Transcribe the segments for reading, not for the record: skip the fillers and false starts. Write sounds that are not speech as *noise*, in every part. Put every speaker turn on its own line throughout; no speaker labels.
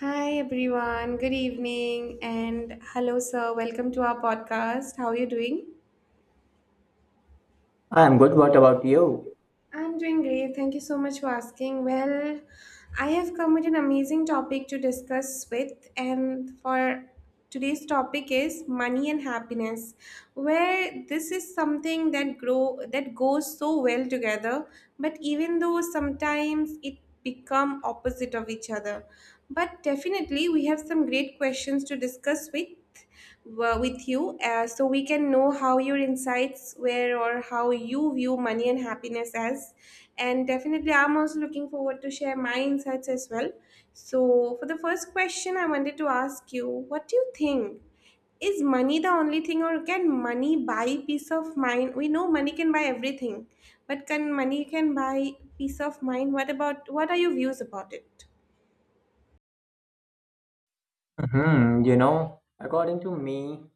Hi everyone, good evening, and hello, sir. Welcome to our podcast. How are you doing?
I'm good. What about you?
I'm doing great. Thank you so much for asking. Well, I have come with an amazing topic to discuss with, and for today's topic is money and happiness, where this is something that grow that goes so well together, but even though sometimes it become opposite of each other. But definitely we have some great questions to discuss with with you, so we can know how your insights were or how you view money and happiness as, and definitely I'm also looking forward to share my insights as well. So for the first question, I wanted to ask you, what do you think, is money the only thing, or can money buy peace of mind? We know money can buy everything, but can money can buy peace of mind? What about, what are your views about it?
Hmm, according to me,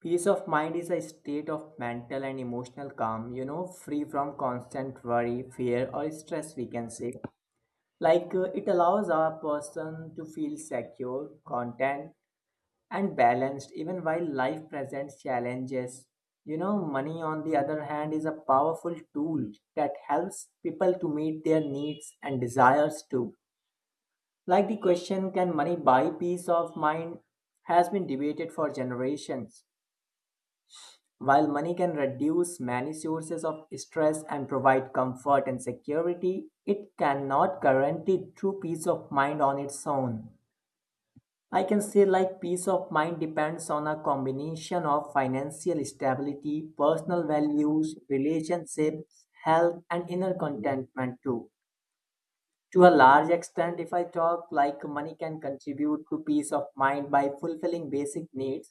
peace of mind is a state of mental and emotional calm, free from constant worry, fear, or stress, we can say. It allows a person to feel secure, content, and balanced even while life presents challenges. You know, money, on the other hand, is a powerful tool that helps people to meet their needs and desires too. Like the question, can money buy peace of mind, has been debated for generations. While money can reduce many sources of stress and provide comfort and security, it cannot guarantee true peace of mind on its own. I can say, like, peace of mind depends on a combination of financial stability, personal values, relationships, health, and inner contentment, too. To a large extent, if I talk, like money can contribute to peace of mind by fulfilling basic needs.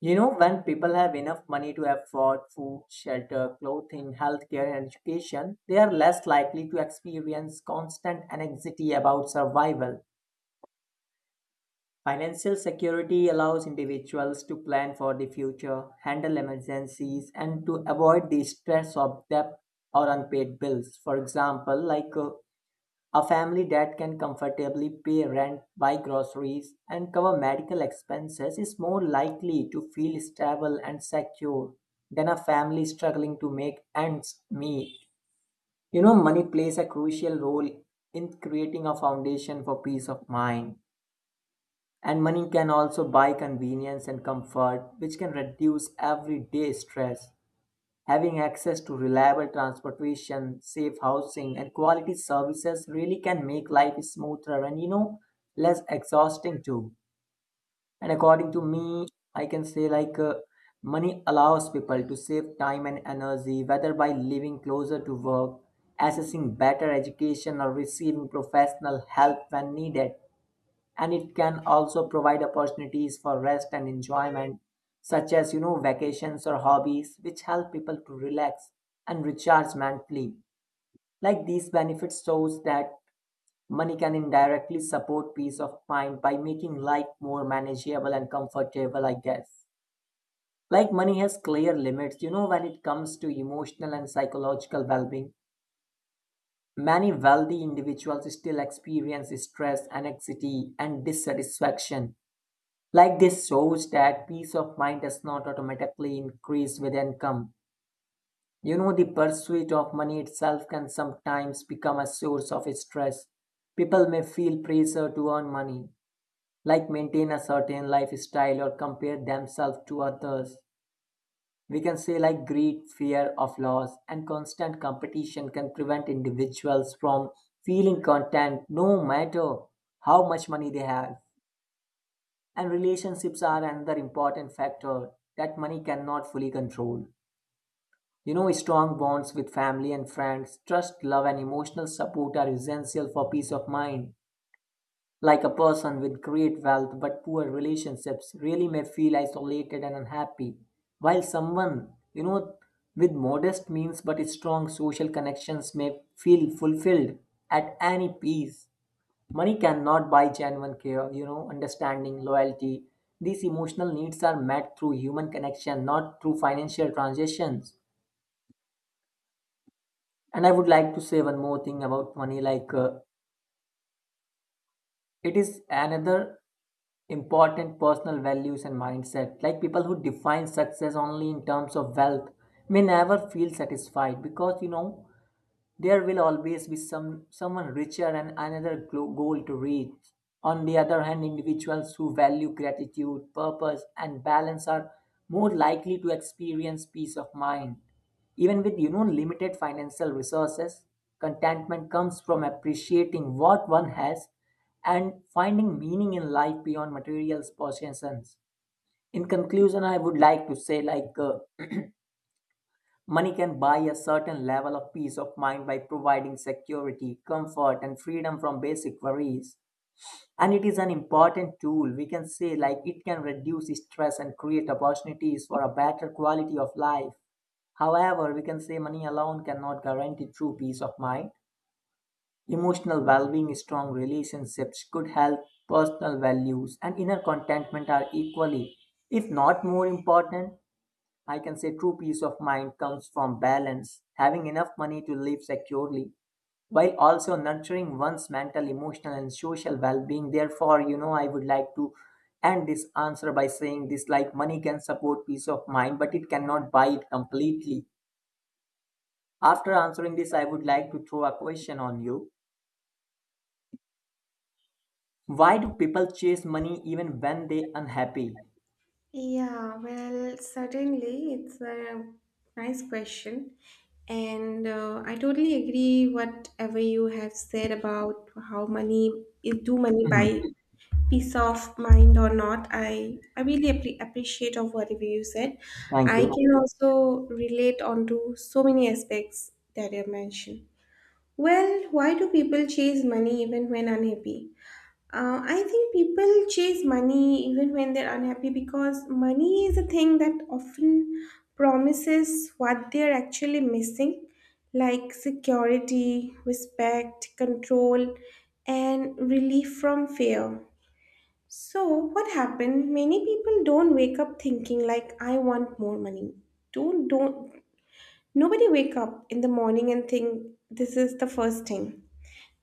You know, when people have enough money to afford food, shelter, clothing, healthcare, and education, they are less likely to experience constant anxiety about survival. Financial security allows individuals to plan for the future, handle emergencies, and to avoid the stress of debt or unpaid bills. For example, a family that can comfortably pay rent, buy groceries, and cover medical expenses is more likely to feel stable and secure than a family struggling to make ends meet. You know, money plays a crucial role in creating a foundation for peace of mind. And money can also buy convenience and comfort, which can reduce everyday stress. Having access to reliable transportation, safe housing, and quality services really can make life smoother and, you know, less exhausting too. And according to me, I can say money allows people to save time and energy, whether by living closer to work, accessing better education, or receiving professional help when needed. And it can also provide opportunities for rest and enjoyment, such as you know vacations or hobbies, which help people to relax and recharge mentally. Like these benefits shows that money can indirectly support peace of mind by making life more manageable and comfortable, I guess. Like money has clear limits, you know, when it comes to emotional and psychological well being. Many wealthy individuals still experience stress, anxiety, and dissatisfaction. Like this shows that peace of mind does not automatically increase with income. You know, the pursuit of money itself can sometimes become a source of stress. People may feel pressure to earn money, like maintain a certain lifestyle or compare themselves to others. We can say like greed, fear of loss, and constant competition can prevent individuals from feeling content no matter how much money they have. And relationships are another important factor that money cannot fully control. You know, strong bonds with family and friends, trust, love, and emotional support are essential for peace of mind. Like a person with great wealth but poor relationships really may feel isolated and unhappy, while someone, you know, with modest means but strong social connections may feel fulfilled. At any peace, money cannot buy genuine care, you know, understanding, loyalty. These emotional needs are met through human connection, not through financial transactions. And I would like to say one more thing about money, it is another important personal values and mindset. Like people who define success only in terms of wealth may never feel satisfied, because you know there will always be someone richer and another goal to reach. On the other hand, individuals who value gratitude, purpose, and balance are more likely to experience peace of mind. Even with you know limited financial resources, contentment comes from appreciating what one has and finding meaning in life beyond material possessions. In conclusion, I would like to say *clears throat* money can buy a certain level of peace of mind by providing security, comfort, and freedom from basic worries. And it is an important tool. We can say, like, it can reduce stress and create opportunities for a better quality of life. However, we can say money alone cannot guarantee true peace of mind. Emotional well being, strong relationships, good health, personal values, and inner contentment are equally, if not more important. I can say true peace of mind comes from balance, having enough money to live securely, while also nurturing one's mental, emotional, and social well being. Therefore, you know, I would like to end this answer by saying this, like money can support peace of mind, but it cannot buy it completely. After answering this, I would like to throw a question on you. Why do people chase money even when they unhappy?
Yeah, well, certainly, it's a nice question. And I totally agree whatever you have said about how money is do money
Mhm.
buy peace of mind or not. I really appreciate of whatever you said.
Thank
I
you.
can also relate onto so many aspects that you have mentioned. Well, why do people chase money even when unhappy? I think people chase money even when they're unhappy because money is a thing that often promises what they're actually missing, like security, respect, control, and relief from fear. So, what happened? Many people don't wake up thinking like I want more money. Don't nobody wake up in the morning and think this is the first thing.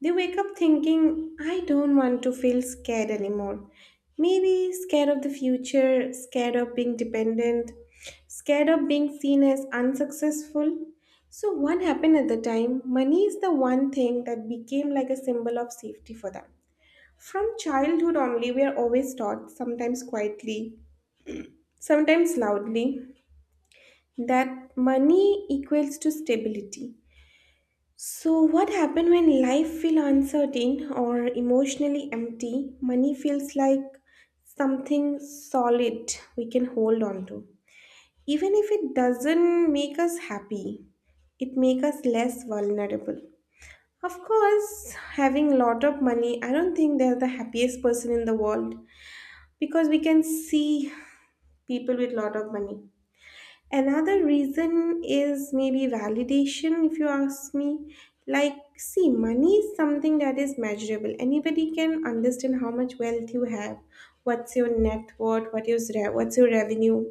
They wake up thinking, I don't want to feel scared anymore. Maybe scared of the future, scared of being dependent, scared of being seen as unsuccessful. So, what happened at the time? Money is the one thing that became like a symbol of safety for them. From childhood only, we are always taught, sometimes quietly, sometimes loudly, that money equals to stability. So, what happens when life feels uncertain or emotionally empty? Money feels like something solid we can hold on to. Even if it doesn't make us happy, it makes us less vulnerable. Of course, having a lot of money, I don't think they're the happiest person in the world, because we can see people with lot of money. Another reason is maybe validation, if you ask me. Like, see, money is something that is measurable. Anybody can understand how much wealth you have, what's your net worth, what's your revenue.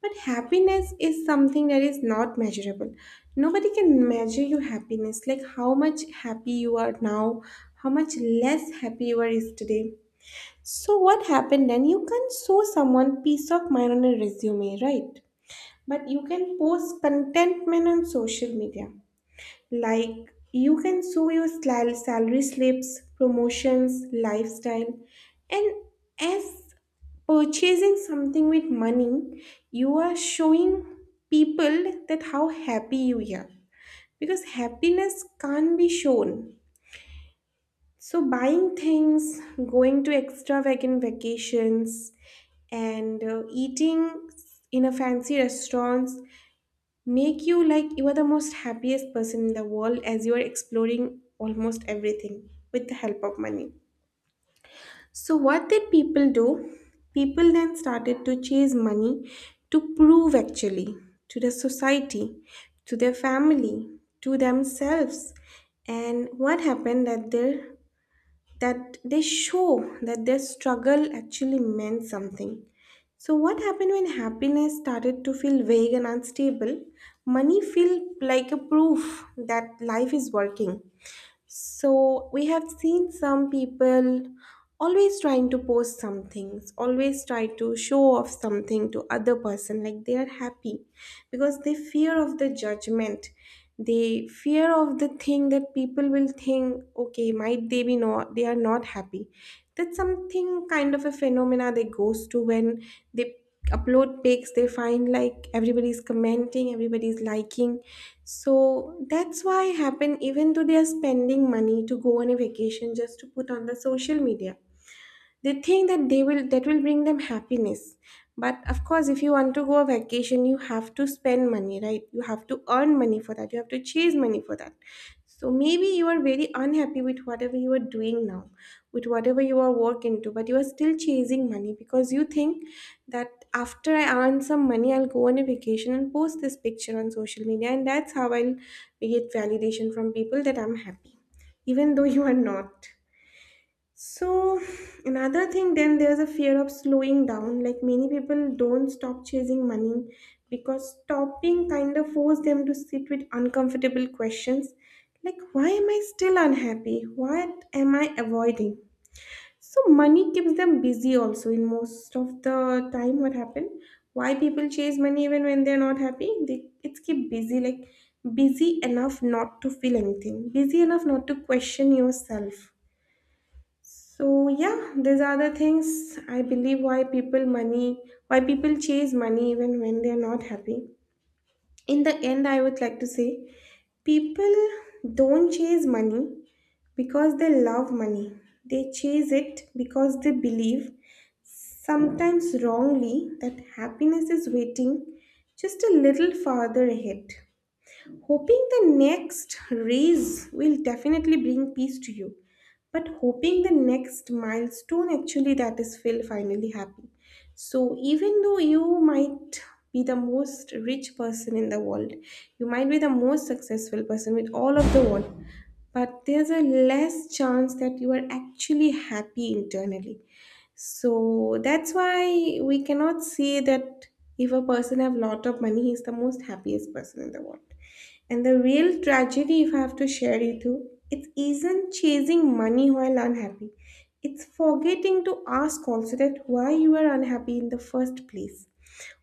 But happiness is something that is not measurable. Nobody can measure your happiness, like how much happy you are now, how much less happy you were yesterday. So, what happened then? You can't show someone peace of mind on a resume, right? But you can post contentment on social media. Like you can show your salary slips, promotions, lifestyle, and as purchasing something with money, you are showing people that how happy you are. Because happiness can't be shown. So buying things, going to extravagant vacations, and eating in a fancy restaurants make you like you are the most happiest person in the world as you are exploring almost everything with the help of money. So, what did people do? People then started to chase money to prove actually to the society, to their family, to themselves. And what happened that their that they show that their struggle actually meant something. So, what happened when happiness started to feel vague and unstable? Money felt like a proof that life is working. So we have seen some people always trying to post some things, always try to show off something to other person like they are happy because they fear of the judgment. They fear of the thing that people will think, okay, might they be not they are not happy. That's something kind of a phenomena they goes to when they upload pics. They find like everybody's commenting, everybody's liking, so that's why happen. Even though they are spending money to go on a vacation just to put on the social media, they think that they will that will bring them happiness. But of course if you want to go on vacation, you have to spend money, right? You have to earn money for that, you have to chase money for that. So maybe you are very unhappy with whatever you are doing now, with whatever you are work into, but you are still chasing money because you think that after I earn some money, I'll go on a vacation and post this picture on social media, and that's how I'll get validation from people that I'm happy, even though you are not. So, another thing, then there's a fear of slowing down. Like many people don't stop chasing money because stopping kind of forces them to sit with uncomfortable questions like, why am I still unhappy? What am I avoiding? So, money keeps them busy also in most of the time. What happened? Why people chase money even when they're not happy? They it's keep busy, like busy enough not to feel anything, busy enough not to question yourself. So yeah, these are the things I believe why people money, why people chase money even when they are not happy. In the end, I would like to say people don't chase money because they love money. They chase it because they believe, sometimes wrongly, that happiness is waiting just a little farther ahead. Hoping the next raise will definitely bring peace to you, but hoping the next milestone actually that is will finally happen. So even though you might be the most rich person in the world, you might be the most successful person with all of the world, but there's a less chance that you are actually happy internally. So that's why we cannot say that if a person have lot of money, he's the most happiest person in the world. And the real tragedy, if I have to share it you, it isn't chasing money while unhappy. It's forgetting to ask also that why you are unhappy in the first place.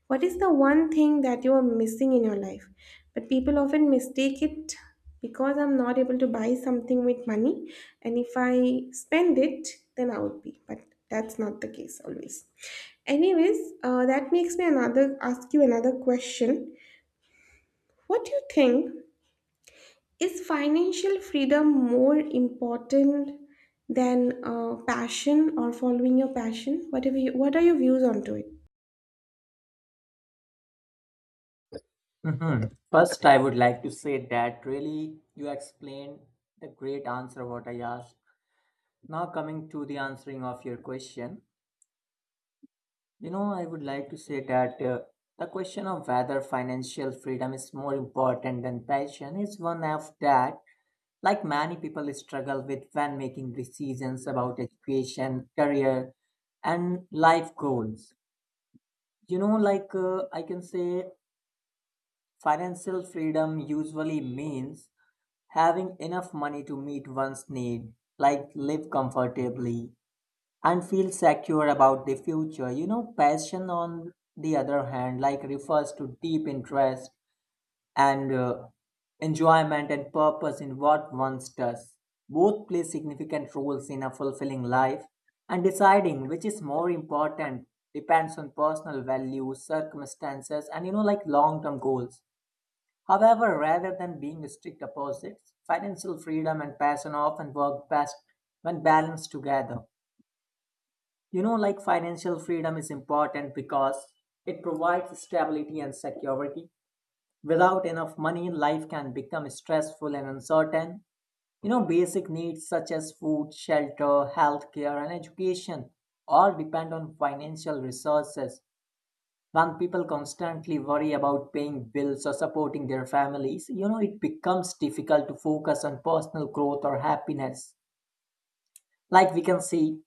What is the one thing that you are missing in your life? But people often mistake it because I'm not able to buy something with money, and if I spend it, then I would be. But that's not the case always. Anyways, that makes me another ask you another question. What do you think, is financial freedom more important than passion or following your passion? Whatever, you, what are your views onto it?
Mhm. First, I would like to say that really you explained a great answer what I asked. Now, coming to the answering of your question, you know, I would like to say that the question of whether financial freedom is more important than passion is one of that, like many people struggle with when making decisions about education, career, and life goals. You know, I can say financial freedom usually means having enough money to meet one's need, like live comfortably and feel secure about the future. You know, passion on the other hand, like refers to deep interest and enjoyment and purpose in what one does. Both play significant roles in a fulfilling life, and deciding which is more important depends on personal values, circumstances, and you know, like long term goals. However, rather than being strict opposites, financial freedom and passion often work best when balanced together. You know, like financial freedom is important because it provides stability and security. Without enough money, life can become stressful and uncertain. You know, basic needs such as food, shelter, healthcare, and education all depend on financial resources. When people constantly worry about paying bills or supporting their families, you know, it becomes difficult to focus on personal growth or happiness. Like we can see,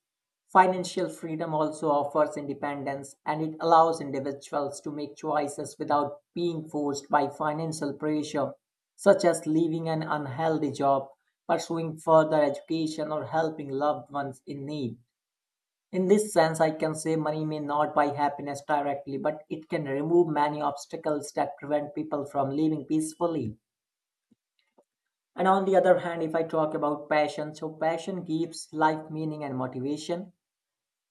financial freedom also offers independence, and it allows individuals to make choices without being forced by financial pressure, such as leaving an unhealthy job, pursuing further education, or helping loved ones in need. In this sense, I can say money may not buy happiness directly, but it can remove many obstacles that prevent people from living peacefully. And on the other hand, if I talk about passion, so passion gives life meaning and motivation.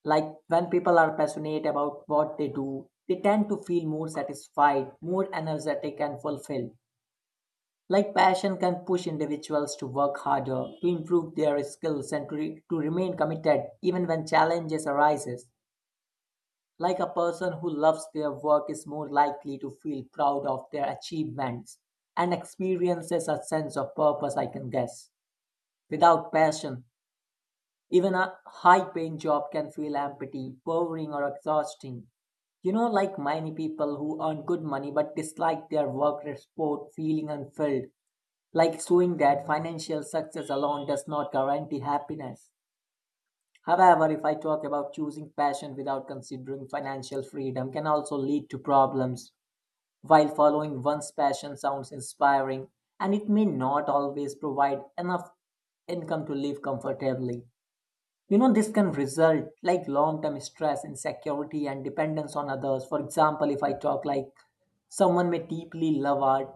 Like when people are passionate about what they do, they tend to feel more satisfied, more energetic, and fulfilled. Like passion can push individuals to work harder, to improve their skills, and to, to remain committed even when challenges arises. Like a person who loves their work is more likely to feel proud of their achievements and experiences a sense of purpose, I can guess. Without passion, even a high paying job can feel empty, boring, or exhausting. You know, like many people who earn good money but dislike their work report feeling unfilled, like showing that financial success alone does not guarantee happiness. However, if I talk about choosing passion without considering financial freedom can also lead to problems. While following one's passion sounds inspiring, and it may not always provide enough income to live comfortably. You know, this can result like long-term stress, insecurity, and dependence on others. For example, if I talk like someone may deeply love art,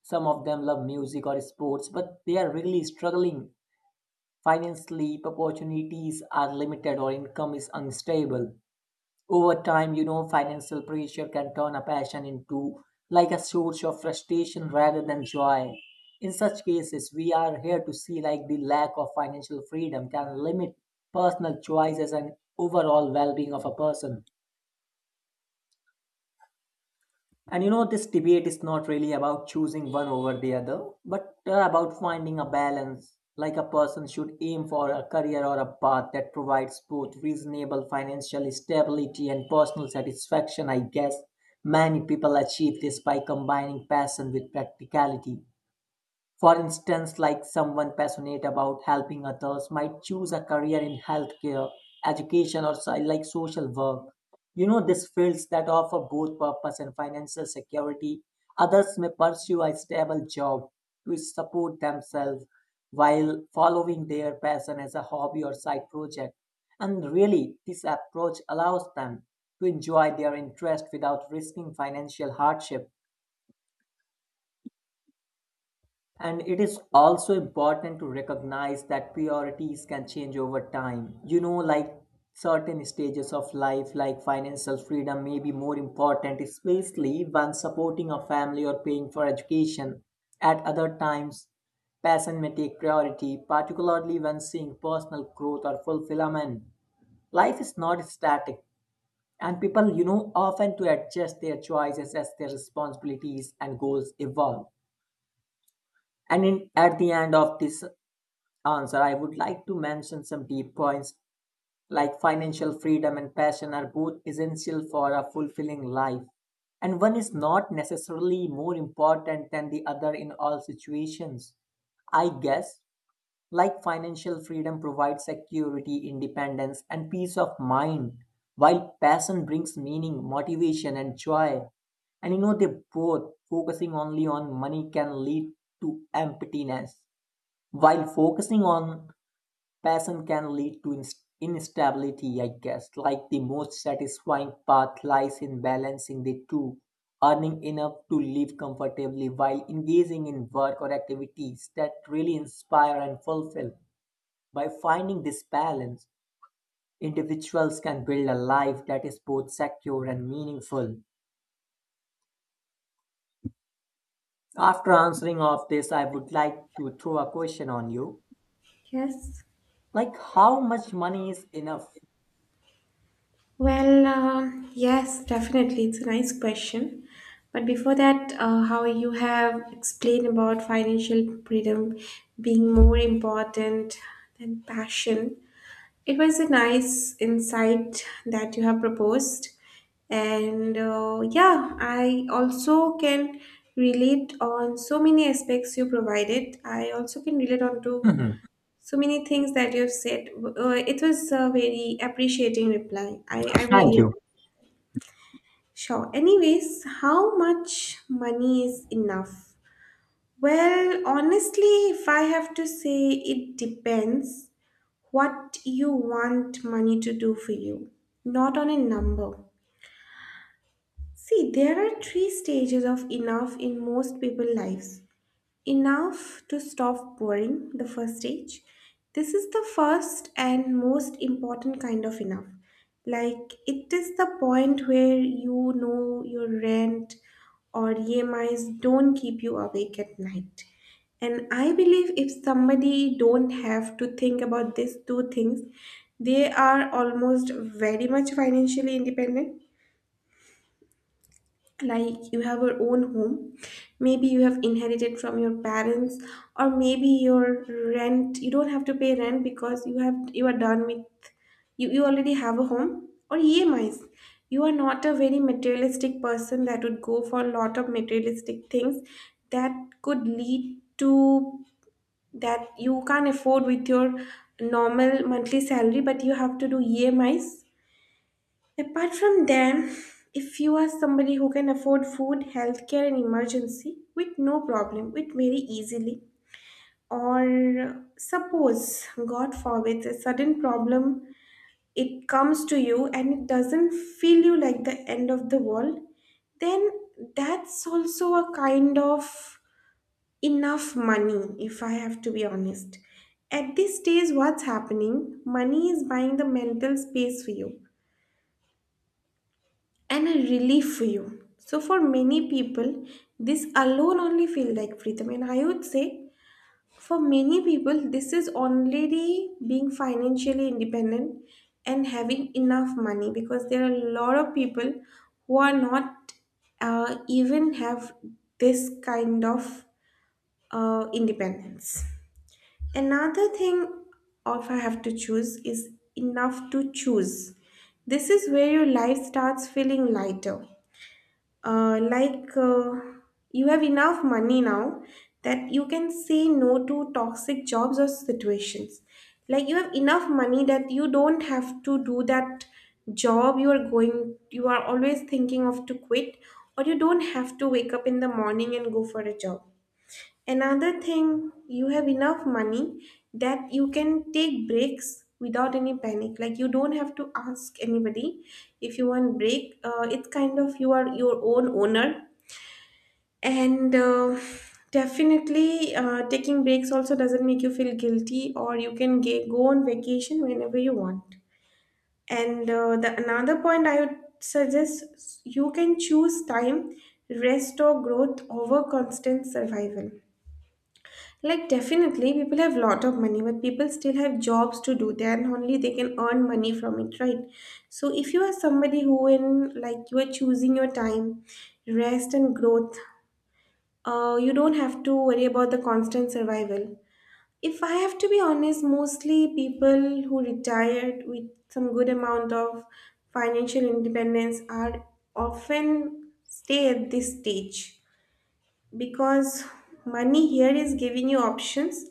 some of them love music or sports, but they are really struggling financially, opportunities are limited or income is unstable. Over time, you know, financial pressure can turn a passion into like a source of frustration rather than joy. In such cases, we are here to see like the lack of financial freedom can limit personal choices and overall well-being of a person. And you know, this debate is not really about choosing one over the other, but about finding a balance. Like a person should aim for a career or a path that provides both reasonable financial stability and personal satisfaction, I guess. Many people achieve this by combining passion with practicality. For instance, like someone passionate about helping others might choose a career in healthcare, education, or like social work. You know, these fields that offer both purpose and financial security. Others may pursue a stable job to support themselves while following their passion as a hobby or side project. And really, this approach allows them to enjoy their interest without risking financial hardship. And it is also important to recognize that priorities can change over time. You know, like certain stages of life, like financial freedom, may be more important, especially when supporting a family or paying for education. At other times, passion may take priority, particularly when seeing personal growth or fulfillment. Life is not static, and people, you know, often to adjust their choices as their responsibilities and goals evolve. And in, at the end of this answer, I would like to mention some deep points like financial freedom and passion are both essential for a fulfilling life. And one is not necessarily more important than the other in all situations. I guess, like financial freedom provides security, independence, and peace of mind, while passion brings meaning, motivation, and joy. And you know, they both focusing only on money can lead to emptiness, while focusing on passion can lead to instability, I guess. Like the most satisfying path lies in balancing the two, earning enough to live comfortably while engaging in work or activities that really inspire and fulfill. By finding this balance, individuals can build a life that is both secure and meaningful. After answering of this, I would like to throw a question on you.
Yes.
Like how much money is enough?
Well, yes, definitely. It's a nice question. But before that, how you have explained about financial freedom being more important than passion, it was a nice insight that you have proposed. And yeah, I also can relate on so many aspects you provided. I also can relate on to
Mhm.
so many things that you've said. It was a very appreciating reply. I
Thank
really
you.
sure. Anyways, how much money is enough? Well, honestly, if I have to say, it depends what you want money to do for you, not on a number. See, there are three stages of enough in most people's lives. Enough to stop boring the first stage. This is the first and most important kind of enough. Like it is the point where you know your rent or EMIs don't keep you awake at night. And I believe if somebody don't have to think about these two things, they are almost very much financially independent. Like you have your own home, maybe you have inherited from your parents, or maybe your rent, you don't have to pay rent because you have you are done with, you already have a home or emis. You are not a very materialistic person that would go for a lot of materialistic things that could lead to that you can't afford with your normal monthly salary, but you have to do emis. Apart from them, if you are somebody who can afford food, healthcare, and emergency with no problem, with very easily, or suppose, God forbid, a sudden problem it comes to you and it doesn't feel you like the end of the world, then that's also a kind of enough money, if I have to be honest. At this stage, what's happening? Money is buying the mental space for you and a relief for you. So for many people, this alone only feel like freedom. And I would say for many people, this is already being financially independent and having enough money, because there are a lot of people who are not even have this kind of independence. Another thing, or if I have to choose, is enough to choose. This is where your life starts feeling lighter, uh, like uh, you have enough money now that you can say no to toxic jobs or situations, like you have enough money that you don't have to do that job you are always thinking of to quit, or you don't have to wake up in the morning and go for a job. Another thing, you have enough money that you can take breaks without any panic. Like you don't have to ask anybody if you want break. It's kind of you are your own owner, and definitely taking breaks also doesn't make you feel guilty, or you can go on vacation whenever you want. And the another point I would suggest, you can choose time, rest or growth over constant survival. Like definitely people have lot of money, but people still have jobs to do, then only they can earn money from it, right? So if you are somebody who in like you are choosing your time, rest and growth, you don't have to worry about the constant survival. If I have to be honest, mostly people who retired with some good amount of financial independence are often stay at this stage, because money here is giving you options,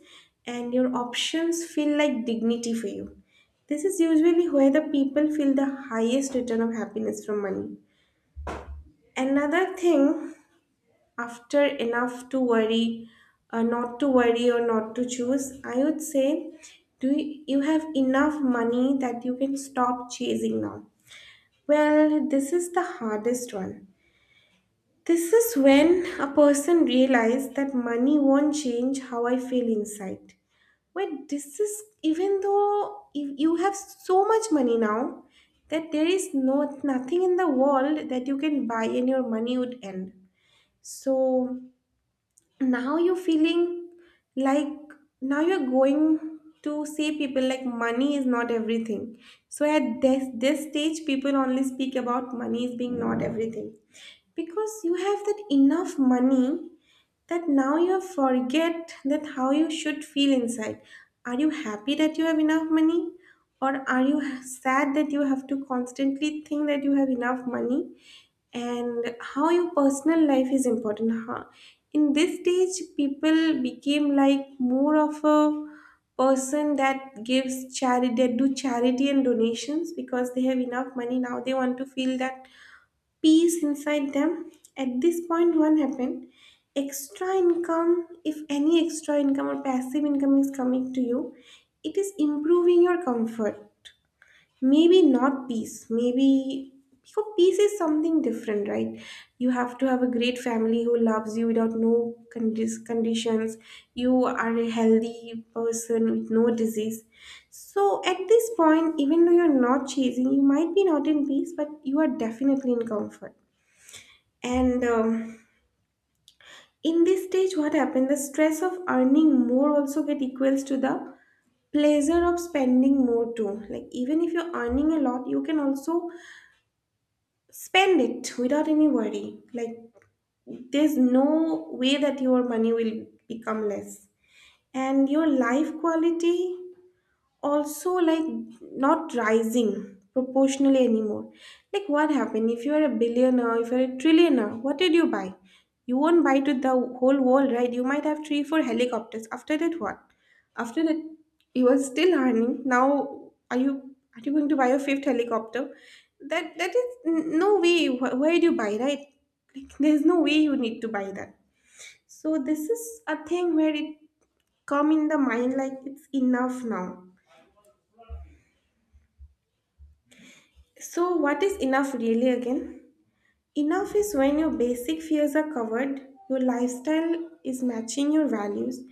and your options feel like dignity for you. This is usually where the people feel the highest return of happiness from money. Another thing, after enough to worry, not to worry or not to choose, I would say, you have enough money that you can stop chasing now. Well, this is the hardest one. This is when a person realizes that money won't change how I feel inside. But this is even though if you have so much money now that there is no nothing in the world that you can buy and your money would end. So now you're feeling like now you're going to see people like money is not everything. So at this stage people only speak about money is being not everything, because you have that enough money that now you forget that how you should feel inside. Are you happy that you have enough money, or are you sad that you have to constantly think that you have enough money, and how your personal life is important, huh? In this stage people became like more of a person that gives charity, that do charity and donations, because they have enough money now, they want to feel that peace inside them. At this point one happened, extra income, if any extra income or passive income is coming to you, it is improving your comfort, maybe not peace, maybe, because peace is something different, right? You have to have a great family who loves you without no conditions, you are a healthy person with no disease. So at this point, even though you're not chasing, you might be not in peace, but you are definitely in comfort. And In this stage, what happened, the stress of earning more also get equals to the pleasure of spending more too. Like even if you're earning a lot, you can also spend it without any worry. Like there's no way that your money will become less. And your life quality also like not rising proportionally anymore. Like what happened, if you are a billionaire, if you're a trillionaire, what did you buy? You won't buy to the whole world, right? You might have three four helicopters. After that what? After that you are still earning now. Are you going to buy a fifth helicopter? No way. Where do you buy, right? Like there's no way you need to buy that. So this is a thing where it come in the mind like it's enough now. So, what is enough really again? Enough is when your basic fears are covered, your lifestyle is matching your values,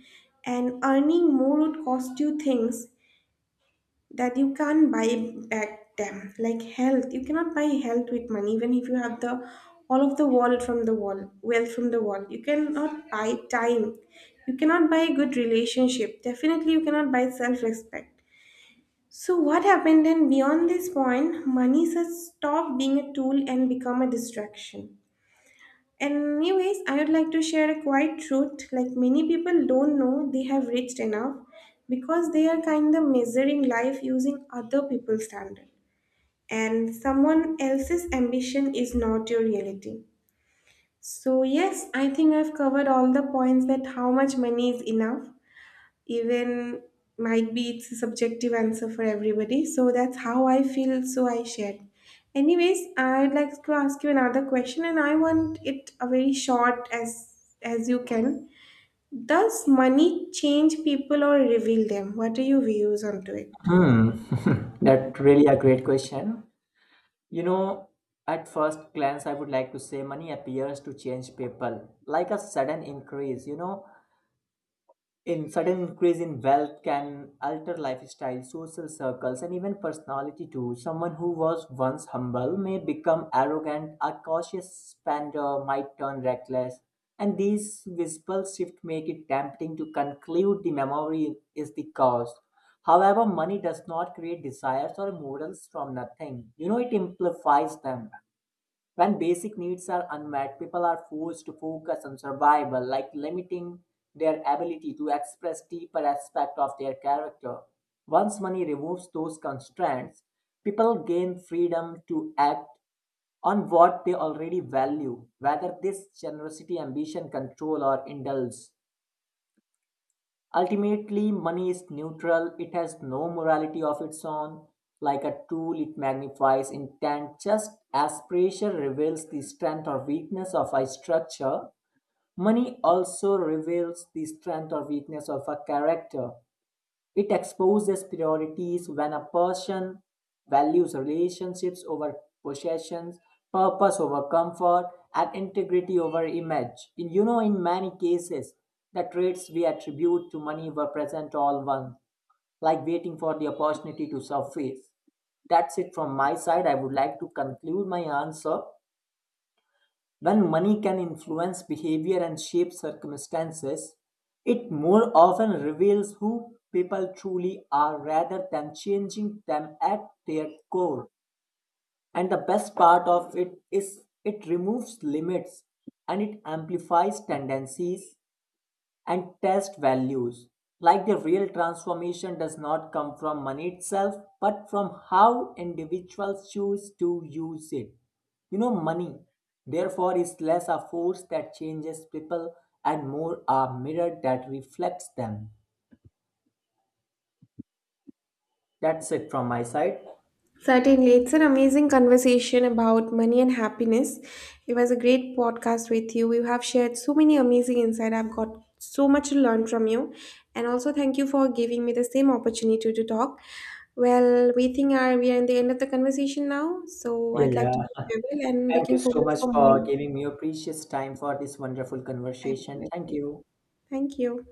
and earning more would cost you things that you can't buy back them, like health. You cannot buy health with money, even if you have the all of the world from the world, wealth from the world. You cannot buy time. You cannot buy a good relationship. Definitely, you cannot buy self-respect. So what happened then beyond this point, money has stopped being a tool and become a distraction. Anyways, I would like to share a quiet truth, like many people don't know they have reached enough, because they are kind of measuring life using other people's standard, and someone else's ambition is not your reality. So yes, I think I've covered all the points that how much money is enough. Even might be it's a subjective answer for everybody, so that's how I feel, so I shared. Anyways, I'd like to ask you another question, and I want it a very short as you can. Does money change people or reveal them? What are your views onto it?
Hmm. *laughs* That really a great question. You know, at first glance, I would like to say money appears to change people, like a sudden increase. You know, in sudden increase in wealth can alter lifestyle, social circles, and even personality too. Someone who was once humble may become arrogant, a cautious spender might turn reckless, and these visible shifts make it tempting to conclude the memory is the cause. However, money does not create desires or morals from nothing. You know, it amplifies them. When basic needs are unmet, people are forced to focus on survival, like limiting their ability to express deeper aspects of their character. Once money removes those constraints, people gain freedom to act on what they already value, whether this generosity, ambition, control, or indulge. Ultimately, money is neutral, it has no morality of its own. Like a tool, it magnifies intent just as pressure reveals the strength or weakness of a structure. Money also reveals the strength or weakness of a character. It exposes priorities when a person values relationships over possessions, purpose over comfort, and integrity over image. In, you know, in many cases, the traits we attribute to money were present all once, like waiting for the opportunity to surface. That's it from my side. I would like to conclude my answer. When money can influence behavior and shape circumstances, it more often reveals who people truly are rather than changing them at their core. And the best part of it is it removes limits and it amplifies tendencies and test values. Like the real transformation does not come from money itself, but from how individuals choose to use it. You know, money, therefore, is less a force that changes people and more a mirror that reflects them. That's it from my side.
Certainly, it's an amazing conversation about money and happiness. It was a great podcast with you. You have shared so many amazing insights. I've got so much to learn from you. And also thank you for giving me the same opportunity to talk. Well, we think are we are in the end of the conversation now. So
Yeah,
I'd like to be
yeah.
farewell and
Thank
looking
you so
forward
much
for
for
more.
giving me your precious time for this wonderful conversation. Thank
Definitely.
you.
Thank you.